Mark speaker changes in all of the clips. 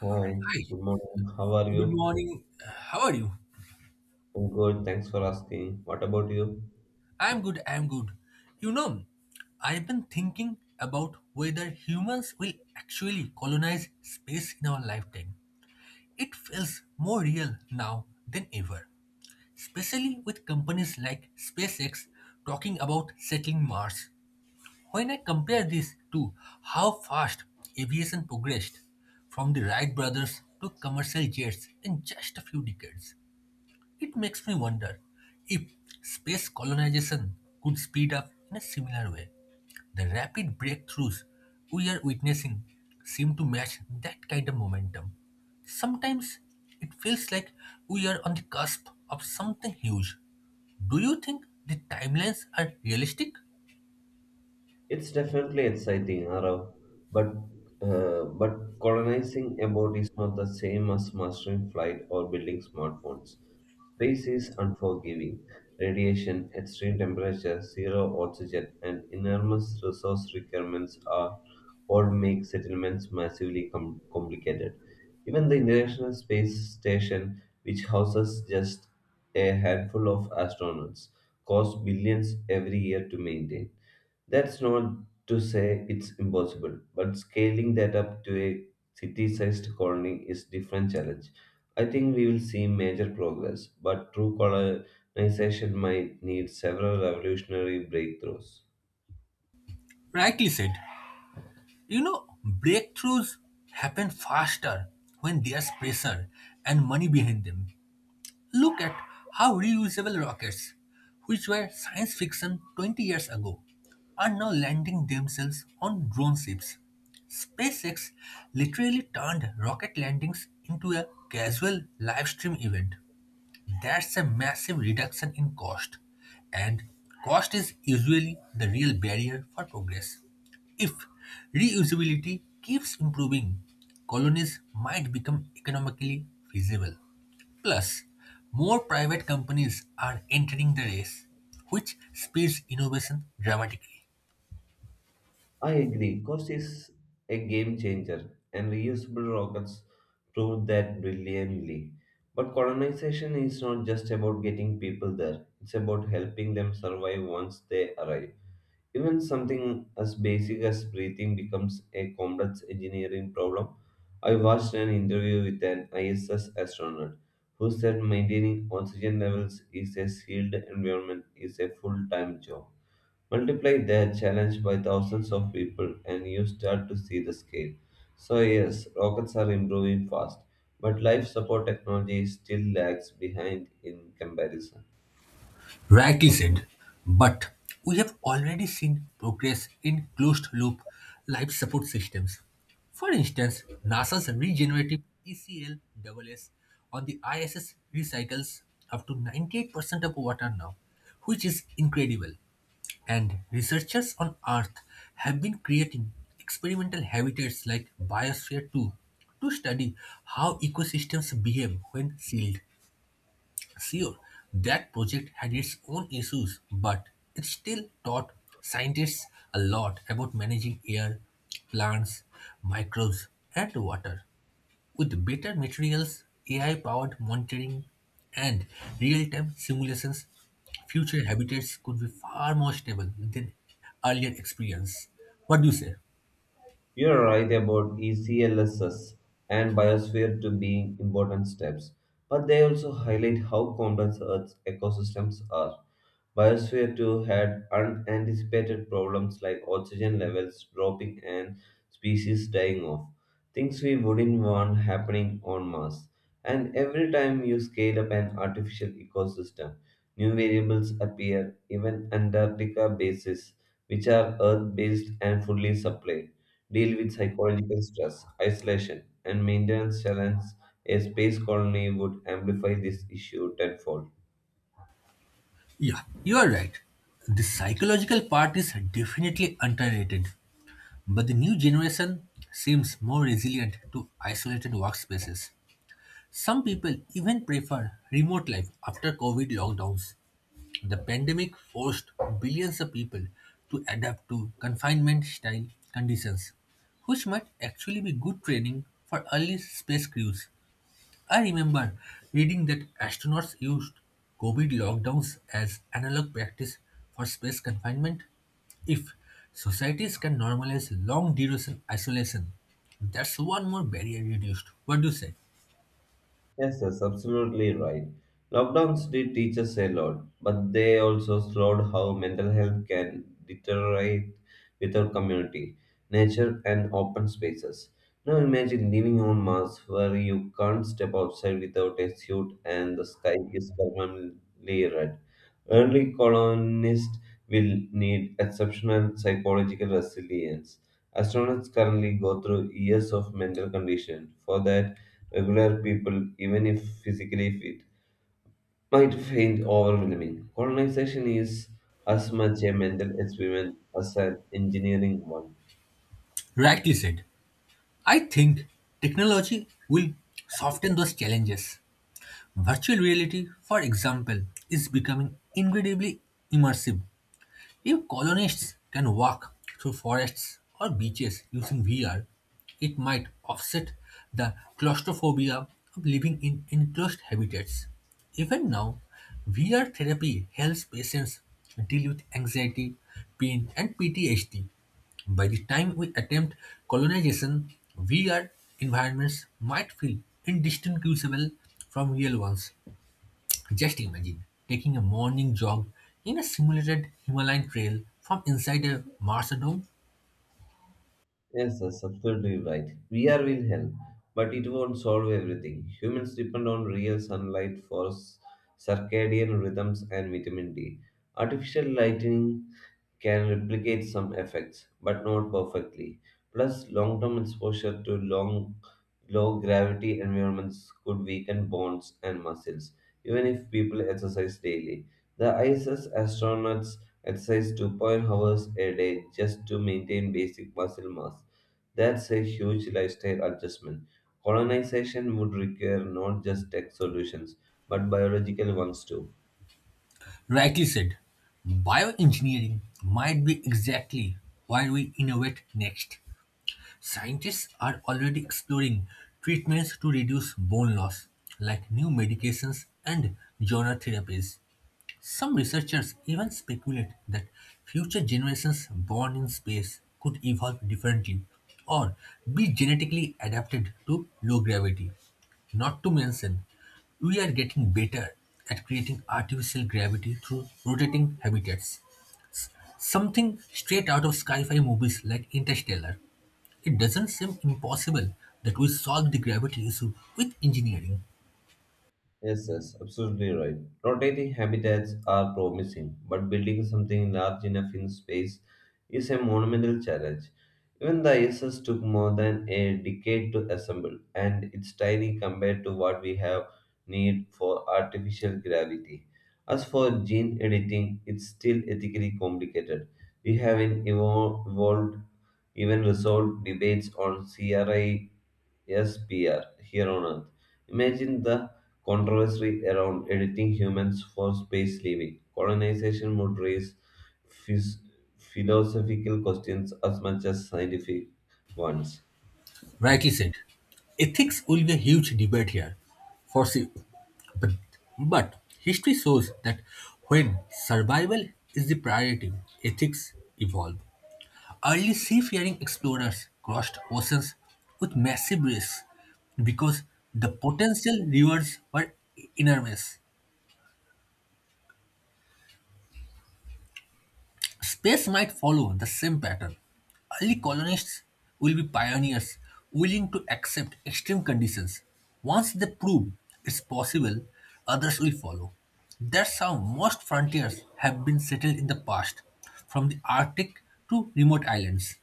Speaker 1: Hi,
Speaker 2: Hi,
Speaker 1: good morning. How are
Speaker 2: good
Speaker 1: you?
Speaker 2: morning. How are you?
Speaker 1: I'm good. Thanks for asking. What about you?
Speaker 2: I'm good, I'm good. You know, I've been thinking about whether humans will actually colonize space in our lifetime. It feels more real now than ever, especially with companies like SpaceX talking about settling Mars. When I compare this to how fast aviation progressed, from the Wright brothers to commercial jets in just a few decades. It makes me wonder if space colonization could speed up in a similar way. The rapid breakthroughs we are witnessing seem to match that kind of momentum. Sometimes it feels like we are on the cusp of something huge. Do you think the timelines are realistic?
Speaker 1: It's definitely exciting, Arav, but but colonizing a boat is not the same as mastering flight or building smartphones. Space is unforgiving. Radiation, extreme temperature, zero oxygen, and enormous resource requirements are all make settlements complicated. Even the International Space Station, which houses just a handful of astronauts, costs billions every year to maintain. That's not to say it's impossible, but scaling that up to a city-sized colony is different challenge. I think we will see major progress, but true colonization might need several revolutionary breakthroughs.
Speaker 2: Rightly said. Breakthroughs happen faster when there's pressure and money behind them. Look at how reusable rockets, which were science fiction 20 years ago, are now landing themselves on drone ships. SpaceX literally turned rocket landings into a casual live stream event. That's a massive reduction in cost, and cost is usually the real barrier for progress. If reusability keeps improving, colonies might become economically feasible. Plus, more private companies are entering the race, which speeds innovation dramatically.
Speaker 1: I agree, cost is a game changer, and reusable rockets proved that brilliantly. But colonization is not just about getting people there, it's about helping them survive once they arrive. Even something as basic as breathing becomes a complex engineering problem. I watched an interview with an ISS astronaut who said maintaining oxygen levels is a sealed environment is a full-time job. Multiply that challenge by thousands of people and you start to see the scale. So yes, rockets are improving fast, but life support technology still lags behind in comparison.
Speaker 2: Rightly said, but we have already seen progress in closed loop life support systems. For instance, NASA's regenerative ECLSS on the ISS recycles up to 98% of water now, which is incredible. And researchers on Earth have been creating experimental habitats like Biosphere 2 to study how ecosystems behave when sealed. Sure, that project had its own issues, but it still taught scientists a lot about managing air, plants, microbes, and water. With better materials, AI powered monitoring, and real time simulations, future habitats could be far more stable than earlier experience. What do you say?
Speaker 1: You're right about ECLSS and biosphere to being important steps, but they also highlight how complex Earth's ecosystems are. Biosphere 2 had unanticipated problems like oxygen levels dropping and species dying off, things we wouldn't want happening on Mars. And every time you scale up an artificial ecosystem, new variables appear, even Antarctica bases, which are Earth based and fully supplied, deal with psychological stress, isolation, and maintenance challenges. A space colony would amplify this issue tenfold.
Speaker 2: Yeah, you are right. The psychological part is definitely underrated. But the new generation seems more resilient to isolated workspaces. Some people even prefer remote life after COVID lockdowns. The pandemic forced billions of people to adapt to confinement style conditions, which might actually be good training for early space crews. I remember reading that astronauts used COVID lockdowns as analog practice for space confinement. If societies can normalize long duration isolation, that's one more barrier reduced. What do you say?
Speaker 1: Yes, that's absolutely right. Lockdowns did teach us a lot, but they also showed how mental health can deteriorate without community, nature, and open spaces. Now imagine living on Mars where you can't step outside without a suit and the sky is permanently red. Early colonists will need exceptional psychological resilience. Astronauts currently go through years of mental condition. For that, regular people, even if physically fit, might find overwhelming. Colonization is as much a mental experiment as an engineering one.
Speaker 2: Rightly said. I think technology will soften those challenges. Virtual reality, for example, is becoming incredibly immersive. If colonists can walk through forests or beaches using VR, it might offset the claustrophobia of living in enclosed habitats. Even now, VR therapy helps patients deal with anxiety, pain, and PTSD. By the time we attempt colonization, VR environments might feel indistinguishable from real ones. Just imagine taking a morning jog in a simulated Himalayan trail from inside a Martian dome.
Speaker 1: Yes, that's absolutely right. VR will help, but it won't solve everything. Humans depend on real sunlight for circadian rhythms and vitamin D. Artificial lighting can replicate some effects, but not perfectly. Plus, long term exposure to long, low gravity environments could weaken bones and muscles, even if people exercise daily. The ISS astronauts exercise 2.0 hours a day just to maintain basic muscle mass. That's a huge lifestyle adjustment. Colonization would require not just tech solutions, but biological ones too.
Speaker 2: Rightly said, bioengineering might be exactly why we innovate next. Scientists are already exploring treatments to reduce bone loss, like new medications and genre therapies. Some researchers even speculate that future generations born in space could evolve differently or be genetically adapted to low gravity. Not to mention, we are getting better at creating artificial gravity through rotating habitats. Something straight out of sci fi movies like Interstellar. It doesn't seem impossible that we solve the gravity issue with engineering.
Speaker 1: Yes, absolutely right. Rotating habitats are promising, but building something large enough in space is a monumental challenge. Even the ISS took more than a decade to assemble, and it's tiny compared to what we have need for artificial gravity. As for gene editing, it's still ethically complicated. We haven't evolved, even resolved debates on CRISPR here on Earth. Imagine the controversy around editing humans for space living, colonization would raise phys- philosophical questions as much as scientific ones.
Speaker 2: Rightly said. Ethics will be a huge debate here, for sure. But, but history shows that when survival is the priority, ethics evolve. Early seafaring explorers crossed oceans with massive risks because the potential rewards were enormous. Space might follow the same pattern. Early colonists will be pioneers willing to accept extreme conditions. Once they prove it's possible, others will follow. That's how most frontiers have been settled in the past, from the Arctic to remote islands.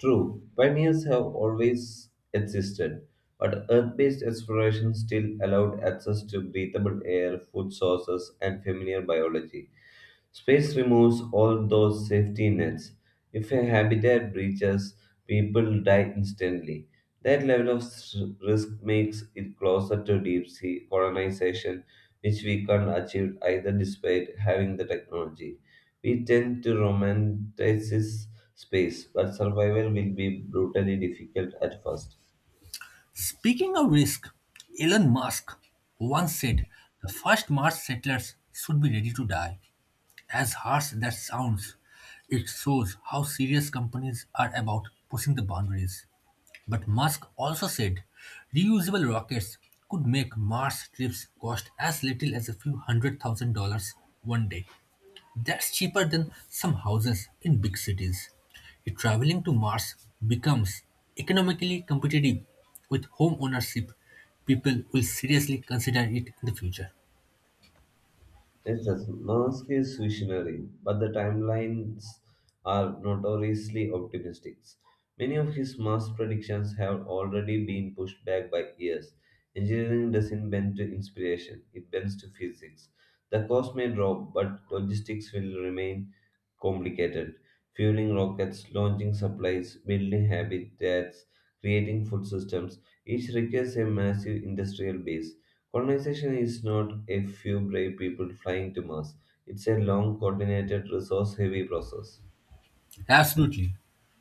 Speaker 1: True, pioneers have always existed, but Earth based exploration still allowed access to breathable air, food sources, and familiar biology. Space removes all those safety nets. If a habitat breaches, people die instantly. That level of risk makes it closer to deep sea colonization, which we can't achieve either despite having the technology. We tend to romanticize space, but survival will be brutally difficult at first.
Speaker 2: Speaking of risk, Elon Musk once said the first Mars settlers should be ready to die. As harsh that sounds, it shows how serious companies are about pushing the boundaries. But Musk also said reusable rockets could make Mars trips cost as little as a few hundred thousand dollars one day. That's cheaper than some houses in big cities. If traveling to Mars becomes economically competitive with home ownership, people will seriously consider it in the future.
Speaker 1: Yes, that's Musk is visionary, but the timelines are notoriously optimistic. Many of his Mars predictions have already been pushed back by years. Engineering doesn't bend to inspiration, it bends to physics. The cost may drop, but logistics will remain complicated. Fueling rockets, launching supplies, building habitats, creating food systems, each requires a massive industrial base. Colonization is not a few brave people flying to Mars. It's a long, coordinated, resource heavy process.
Speaker 2: Absolutely.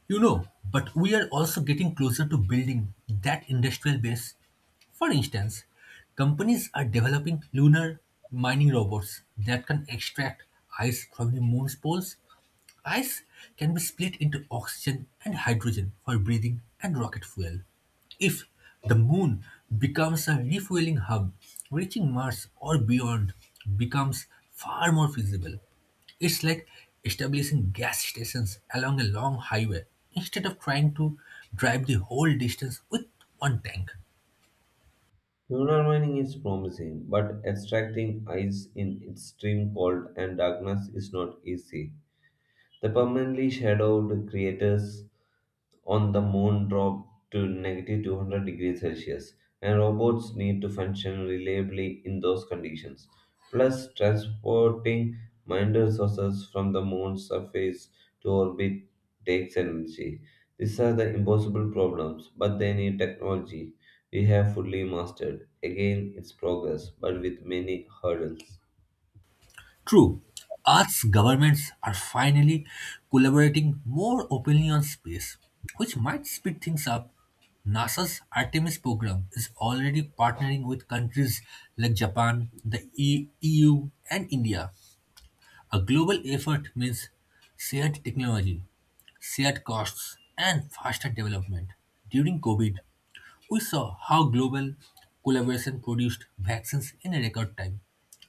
Speaker 2: But we are also getting closer to building that industrial base. For instance, companies are developing lunar mining robots that can extract ice from the moon's poles. Ice can be split into oxygen and hydrogen for breathing and rocket fuel. If the moon becomes a refueling hub, reaching Mars or beyond becomes far more feasible. It's like establishing gas stations along a long highway instead of trying to drive the whole distance with one tank.
Speaker 1: Lunar mining is promising, but extracting ice in extreme cold and darkness is not easy. The permanently shadowed craters on the moon drop to negative 200 degrees Celsius, and robots need to function reliably in those conditions. Plus, transporting minor resources from the moon's surface to orbit takes energy. These are the impossible problems, but they need technology we have fully mastered. Again, it's progress, but with many hurdles.
Speaker 2: True, Earth's governments are finally collaborating more openly on space, which might speed things up. NASA's Artemis program is already partnering with countries like Japan, the EU, and India. A global effort means shared technology, shared costs, and faster development. During COVID, we saw how global collaboration produced vaccines in a record time.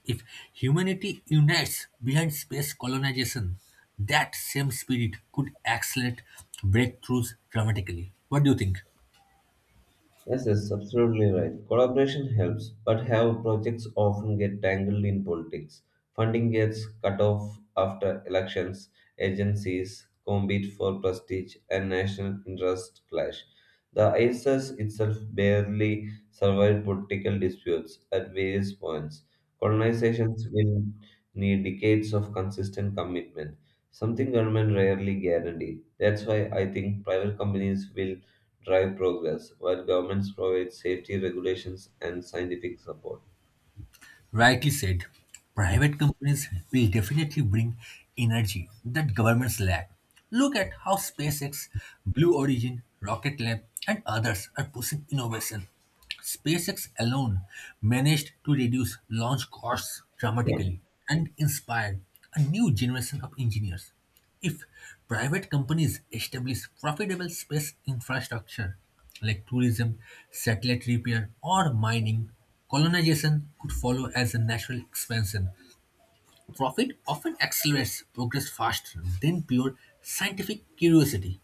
Speaker 2: If humanity unites behind space colonization, that same spirit could accelerate breakthroughs dramatically. What do you think?
Speaker 1: Yes, absolutely right. Collaboration helps, but how projects often get tangled in politics. Funding gets cut off after elections, agencies compete for prestige, and national interests clash. The ISIS itself barely survived political disputes at various points. Colonizations will need decades of consistent commitment, something government rarely guarantee. That's why I think private companies will drive progress, while governments provide safety regulations and scientific support.
Speaker 2: Rightly said, private companies will definitely bring energy that governments lack. Look at how SpaceX, Blue Origin, Rocket Lab, and others are pushing innovation. SpaceX alone managed to reduce launch costs dramatically and inspired a new generation of engineers. If private companies establish profitable space infrastructure like tourism, satellite repair, or mining, colonization could follow as a natural expansion. Profit often accelerates progress faster than pure scientific curiosity.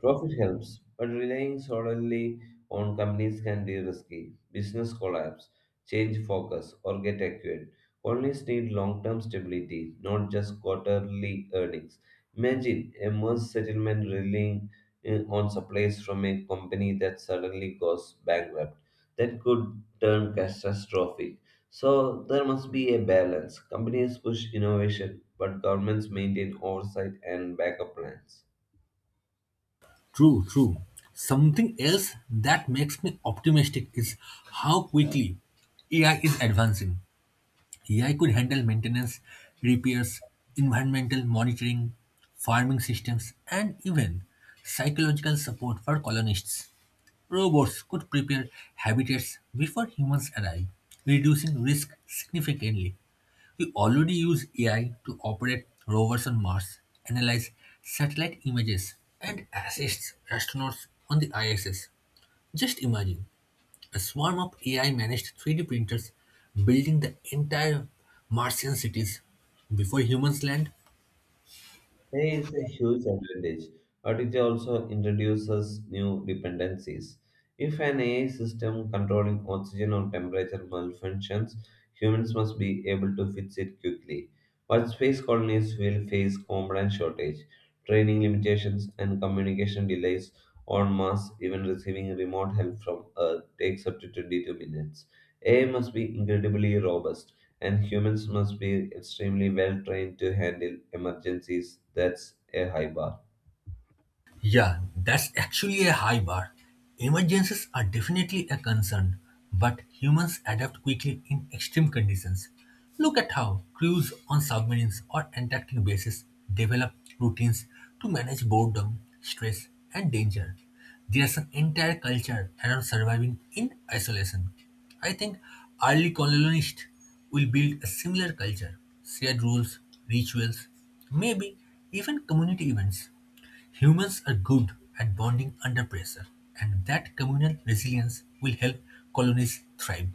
Speaker 1: Profit helps, but relying solely on companies can be risky. Business collapse, change focus, or get acquired. Colonies need long term stability, not just quarterly earnings. Imagine a merge settlement relying on supplies from a company that suddenly goes bankrupt. That could turn catastrophic. So there must be a balance. Companies push innovation, but governments maintain oversight and backup plans.
Speaker 2: True, true. Something else that makes me optimistic is how quickly AI is advancing. AI could handle maintenance, repairs, environmental monitoring, farming systems, and even psychological support for colonists. Robots could prepare habitats before humans arrive, reducing risk significantly. We already use AI to operate rovers on Mars, analyze satellite images, and assist astronauts on the ISS. Just imagine a swarm of AI managed 3D printers building the entire Martian cities before humans land.
Speaker 1: AI is a huge advantage, but it also introduces new dependencies. If an AI system controlling oxygen or temperature malfunctions, humans must be able to fix it quickly. But space colonies will face component shortage, training limitations, and communication delays on Mars. Even receiving remote help from Earth takes up to 22 minutes. AI must be incredibly robust and humans must be extremely well trained to handle emergencies. That's a high bar.
Speaker 2: Yeah, that's actually a high bar. Emergencies are definitely a concern, but humans adapt quickly in extreme conditions. Look at how crews on submarines or Antarctic bases develop routines to manage boredom, stress, and danger. There's an entire culture around surviving in isolation. I think early colonists will build a similar culture, shared rules, rituals, maybe even community events. Humans are good at bonding under pressure, and that communal resilience will help colonies thrive.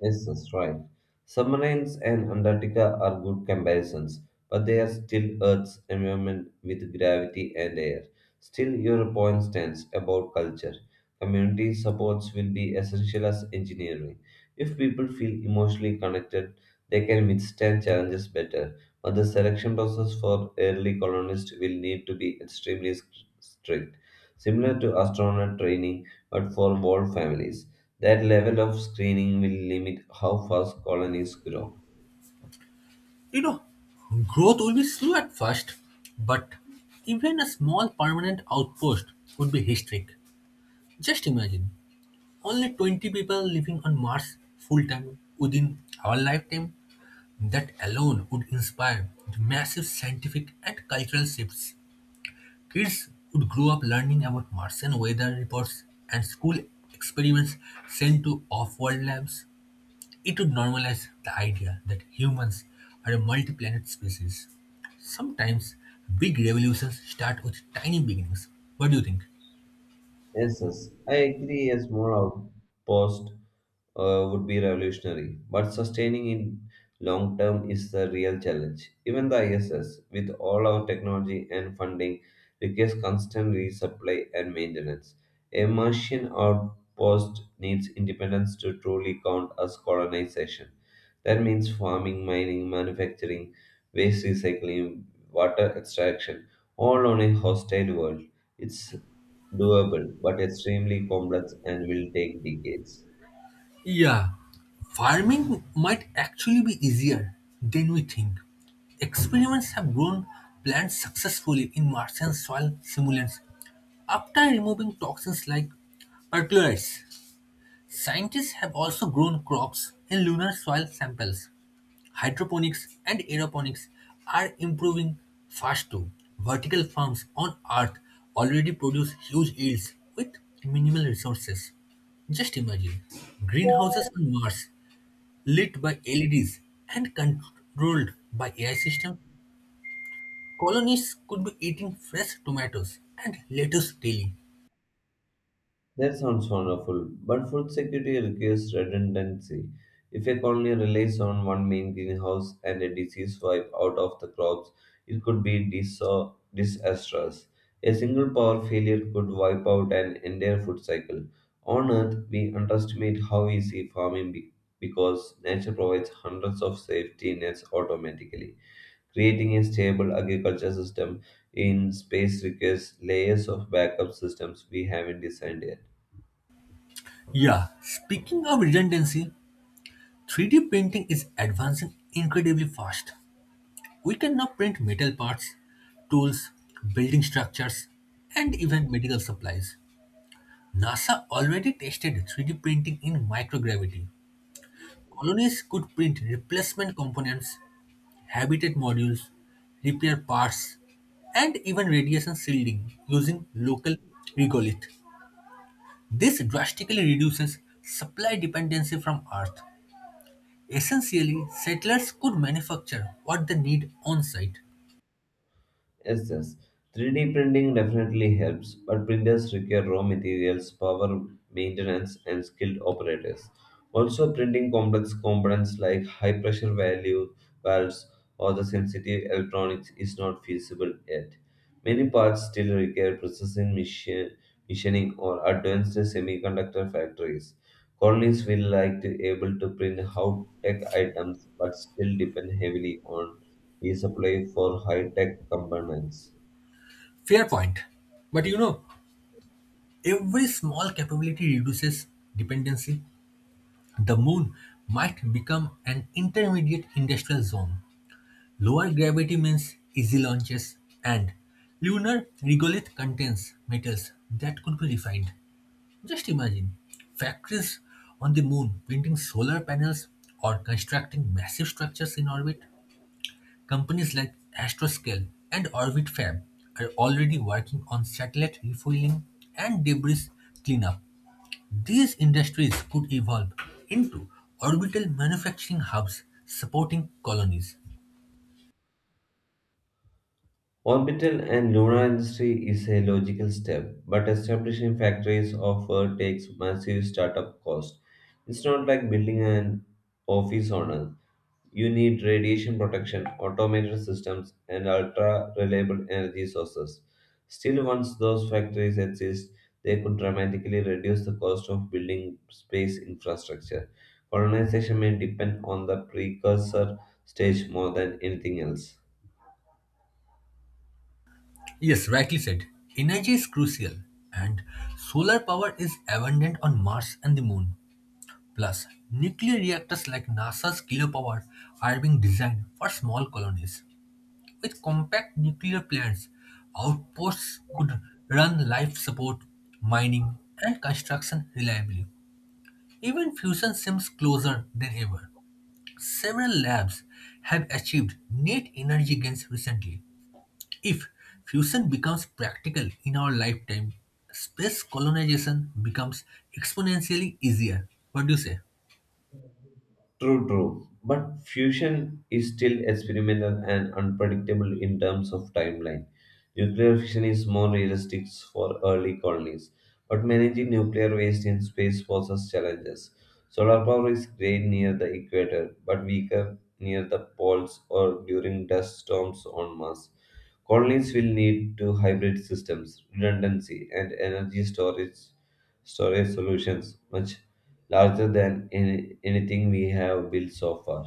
Speaker 1: Yes, that's right. Submarines and Antarctica are good comparisons, but they are still Earth's environment with gravity and air. Still, your point stands about culture. Community supports will be essential as engineering. If people feel emotionally connected, they can withstand challenges better. But the selection process for early colonists will need to be extremely strict, similar to astronaut training, but for world families. That level of screening will limit how fast colonies grow.
Speaker 2: You know, Growth will be slow at first, but even a small permanent outpost would be historic. Just imagine only 20 people living on Mars full time within our lifetime. That alone would inspire massive scientific and cultural shifts. Kids would grow up learning about Martian weather reports and school experiments sent to off-world labs. It would normalize the idea that humans are a multi-planet species. Sometimes big revolutions start with tiny beginnings. What do you think?
Speaker 1: Yes, I agree. A small outpost would be revolutionary, but sustaining in long term is the real challenge. Even the ISS, with all our technology and funding, requires constant resupply and maintenance. A Martian outpost needs independence to truly count as colonization. That means farming, mining, manufacturing, waste recycling, water extraction, all on a hostile world. It's doable, but extremely complex and will take decades.
Speaker 2: Yeah, farming might actually be easier than we think. Experiments have grown plants successfully in Martian soil simulants after removing toxins like perchlorates. Scientists have also grown crops in lunar soil samples. Hydroponics and aeroponics are improving fast too. Vertical farms on Earth already produce huge yields with minimal resources. Just imagine greenhouses on Mars lit by LEDs and controlled by AI systems. Colonists could be eating fresh tomatoes and lettuce daily.
Speaker 1: That sounds wonderful, but food security requires redundancy. If a colony relies on one main greenhouse and a disease wipe out of the crops, it could be disastrous. A single power failure could wipe out an entire food cycle. On Earth, we underestimate how easy because nature provides hundreds of safety nets automatically. Creating a stable agriculture system in space requires layers of backup systems we haven't designed yet.
Speaker 2: Yeah, speaking of redundancy, 3D printing is advancing incredibly fast. We can now print metal parts, tools, building structures, and even medical supplies. NASA already tested 3D printing in microgravity. Colonies could print replacement components, habitat modules, repair parts, and even radiation shielding using local regolith. This drastically reduces supply dependency from Earth. Essentially, settlers could manufacture what they need on site.
Speaker 1: Yes, yes. 3D printing definitely helps, but printers require raw materials, power maintenance, and skilled operators. Also, printing complex components like high pressure value valves or the sensitive electronics is not feasible yet. Many parts still require machining or advanced semiconductor factories. Colonies will like to able to print how tech items but still depend heavily on is applied for high-tech components.
Speaker 2: Fair point. But every small capability reduces dependency. The moon might become an intermediate industrial zone. Lower gravity means easy launches, and lunar regolith contains metals that could be refined. Just imagine factories on the moon painting solar panels or constructing massive structures in orbit. Companies like Astroscale and OrbitFab are already working on satellite refueling and debris cleanup. These industries could evolve into orbital manufacturing hubs supporting colonies.
Speaker 1: Orbital and lunar industry is a logical step, but establishing factories of Earth takes massive startup cost. It's not like building an office on Earth. You need radiation protection, automated systems, and ultra reliable energy sources. Still, once those factories exist, they could dramatically reduce the cost of building space infrastructure. Colonization may depend on the precursor stage more than anything else.
Speaker 2: Yes, rightly said. Energy is crucial, and solar power is abundant on Mars and the Moon. Plus, nuclear reactors like NASA's Cleopatra are being designed for small colonies. With compact nuclear plants, outposts could run life support, mining, and construction reliably. Even fusion seems closer than ever. Several labs have achieved net energy gains recently. If fusion becomes practical in our lifetime, space colonization becomes exponentially easier. What do you say?
Speaker 1: True, true. But fusion is still experimental and unpredictable in terms of timeline. Nuclear fission is more realistic for early colonies, but managing nuclear waste in space poses challenges. Solar power is great near the equator, but weaker near the poles or during dust storms on Mars. Colonies will need to hybrid systems, redundancy, and energy storage solutions, much larger than anything we have built so far.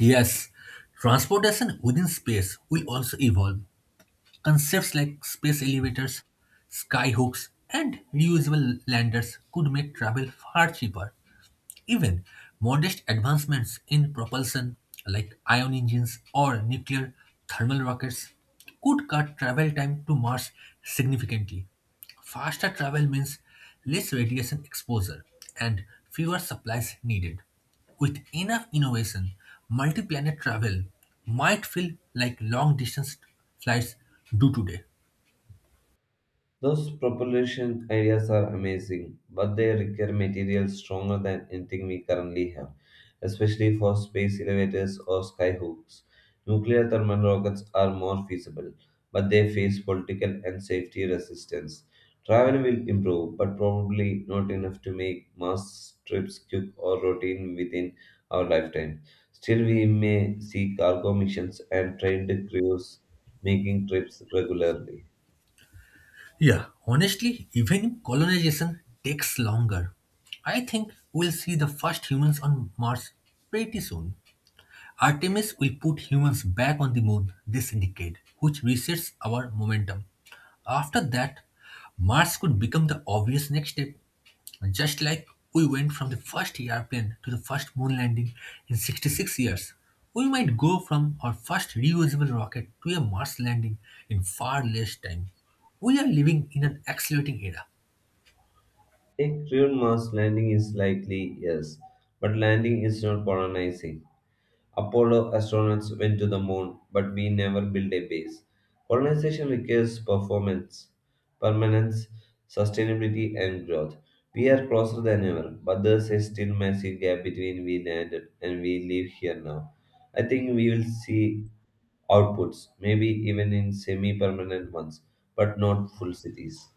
Speaker 2: Yes, transportation within space will also evolve. Concepts like space elevators, skyhooks, and reusable landers could make travel far cheaper. Even modest advancements in propulsion, like ion engines or nuclear thermal rockets, could cut travel time to Mars significantly. Faster travel means less radiation exposure and fewer supplies needed. With enough innovation, multi planet travel might feel like long distance flights do today.
Speaker 1: Those propulsion ideas are amazing, but they require materials stronger than anything we currently have, especially for space elevators or skyhooks. Nuclear thermal rockets are more feasible, but they face political and safety resistance. Travel will improve, but probably not enough to make mass trips quick or routine within our lifetime. Still, we may see cargo missions and trained crews making trips regularly.
Speaker 2: Yeah, honestly, even if colonization takes longer, I think we'll see the first humans on Mars pretty soon. Artemis will put humans back on the moon this decade, which resets our momentum. After that, Mars could become the obvious next step. Just like we went from the first airplane to the first moon landing in 66 years, we might go from our first reusable rocket to a Mars landing in far less time. We are living in an accelerating era.
Speaker 1: A crewed Mars landing is likely, yes, but landing is not colonizing. Apollo astronauts went to the moon, but we never built a base. Colonization requires performance, permanence, sustainability, and growth. We are closer than ever, but there's a still massive gap between we landed and we live here now. I think we will see outputs, maybe even in semi permanent ones, but not full cities.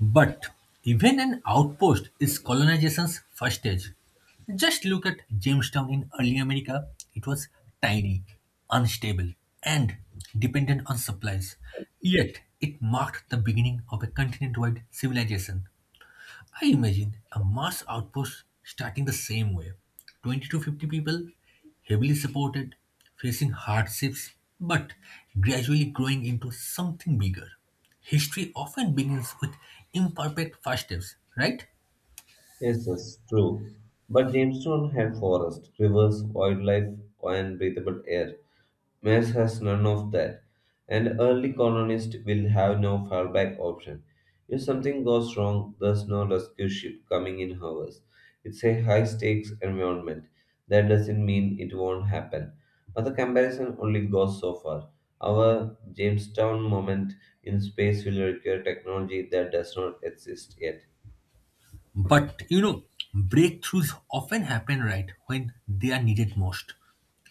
Speaker 2: But even an outpost is colonization's first stage. Just look at Jamestown in early America. It was tiny, unstable, and dependent on supplies. Yet, it marked the beginning of a continent wide civilization. I imagine a mass outpost starting the same way 20 to 50 people, heavily supported, facing hardships, but gradually growing into something bigger. History often begins with imperfect first steps, right?
Speaker 1: Yes, true. But Jamestown had forests, rivers, wildlife, and breathable air. Mass has none of that, and early colonists will have no fallback option. If something goes wrong, there's no rescue ship coming in hours. It's a high stakes environment. That doesn't mean it won't happen. But the comparison only goes so far. Our Jamestown moment in space will require technology that does not exist yet.
Speaker 2: But breakthroughs often happen right when they are needed most.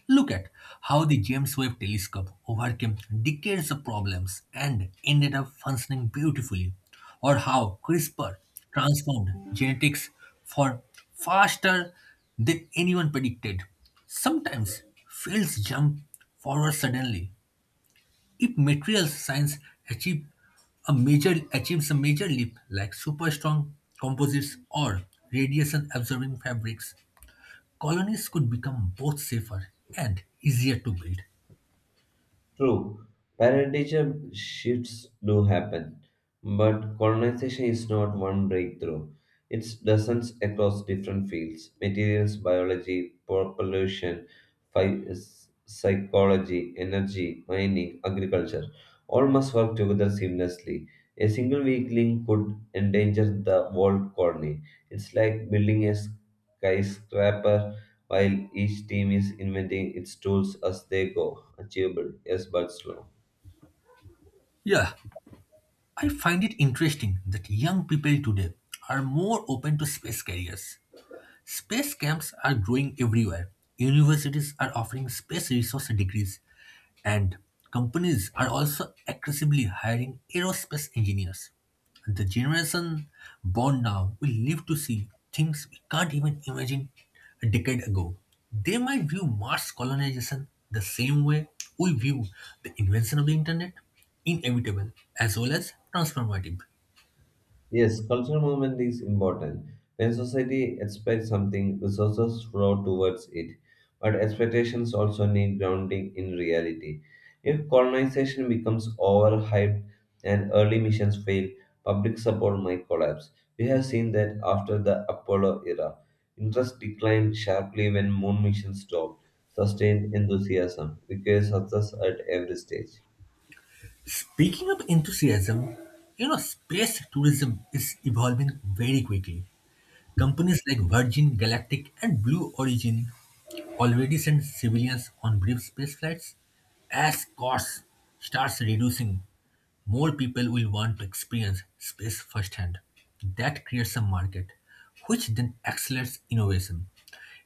Speaker 2: Look at how the James Webb telescope overcame decades of problems and ended up functioning beautifully, or how CRISPR transformed genetics for faster than anyone predicted. Sometimes fields jump forward suddenly, if materials science achieve achieves a major leap like super strong composites or radiation absorbing fabrics, colonies could become both safer and easier to build.
Speaker 1: True, paradigm shifts do happen, but colonization is not one breakthrough. It's dozens across different fields materials, biology, population, phy- psychology, energy, mining, agriculture. All must work together seamlessly. A single weak link could endanger the whole colony. It's like building a skyscraper while each team is inventing its tools as they go. Achievable, yes, but slow.
Speaker 2: Yeah, I find it interesting that young people today are more open to space carriers. Space camps are growing everywhere. Universities are offering space resource degrees, and companies are also aggressively hiring aerospace engineers. The generation born now will live to see things we can't even imagine a decade ago. They might view Mars colonization the same way we view the invention of the internet, inevitable as well as transformative.
Speaker 1: Yes, cultural movement is important. When society expects something, resources flow towards it. But expectations also need grounding in reality. If colonization becomes overhyped and early missions fail, public support might collapse. We have seen that after the Apollo era. Interest declined sharply when moon missions stopped. Sustained enthusiasm requires success at every stage.
Speaker 2: Speaking of enthusiasm, space tourism is evolving very quickly. Companies like Virgin Galactic and Blue Origin already send civilians on brief space flights. As costs starts reducing, more people will want to experience space firsthand. That creates a market, which then accelerates innovation.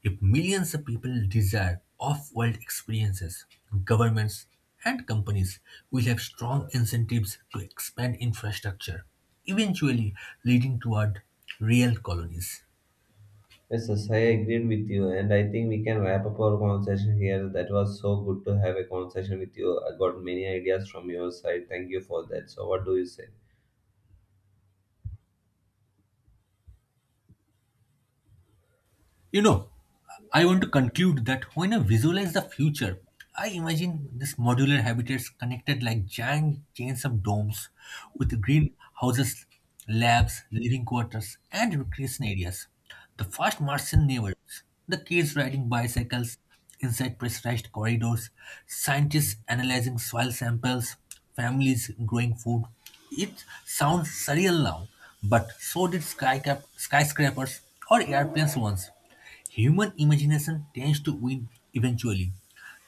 Speaker 2: If millions of people desire off world experiences, governments and companies will have strong incentives to expand infrastructure, eventually leading toward real colonies.
Speaker 1: Yes, I agreed with you, and I think we can wrap up our conversation here. That was so good to have a conversation with you. I got many ideas from your side. Thank you for that. So, what do you say?
Speaker 2: You know, I want to conclude that when I visualize the future, I imagine these modular habitats connected like giant chains of domes with green houses, labs, living quarters, and recreation areas. The first Martian neighborhoods, the kids riding bicycles inside pressurized corridors, scientists analyzing soil samples, families growing food. It sounds surreal now, but so did skyscrapers or airplanes once. Human imagination tends to win eventually.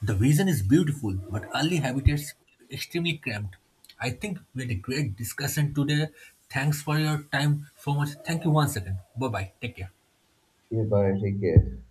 Speaker 2: The vision is beautiful, but early habitats extremely cramped. I think we had a great discussion today. Thanks for your time so much. Thank you once again. Bye bye. Take care.
Speaker 1: Yeah, bye. Take care.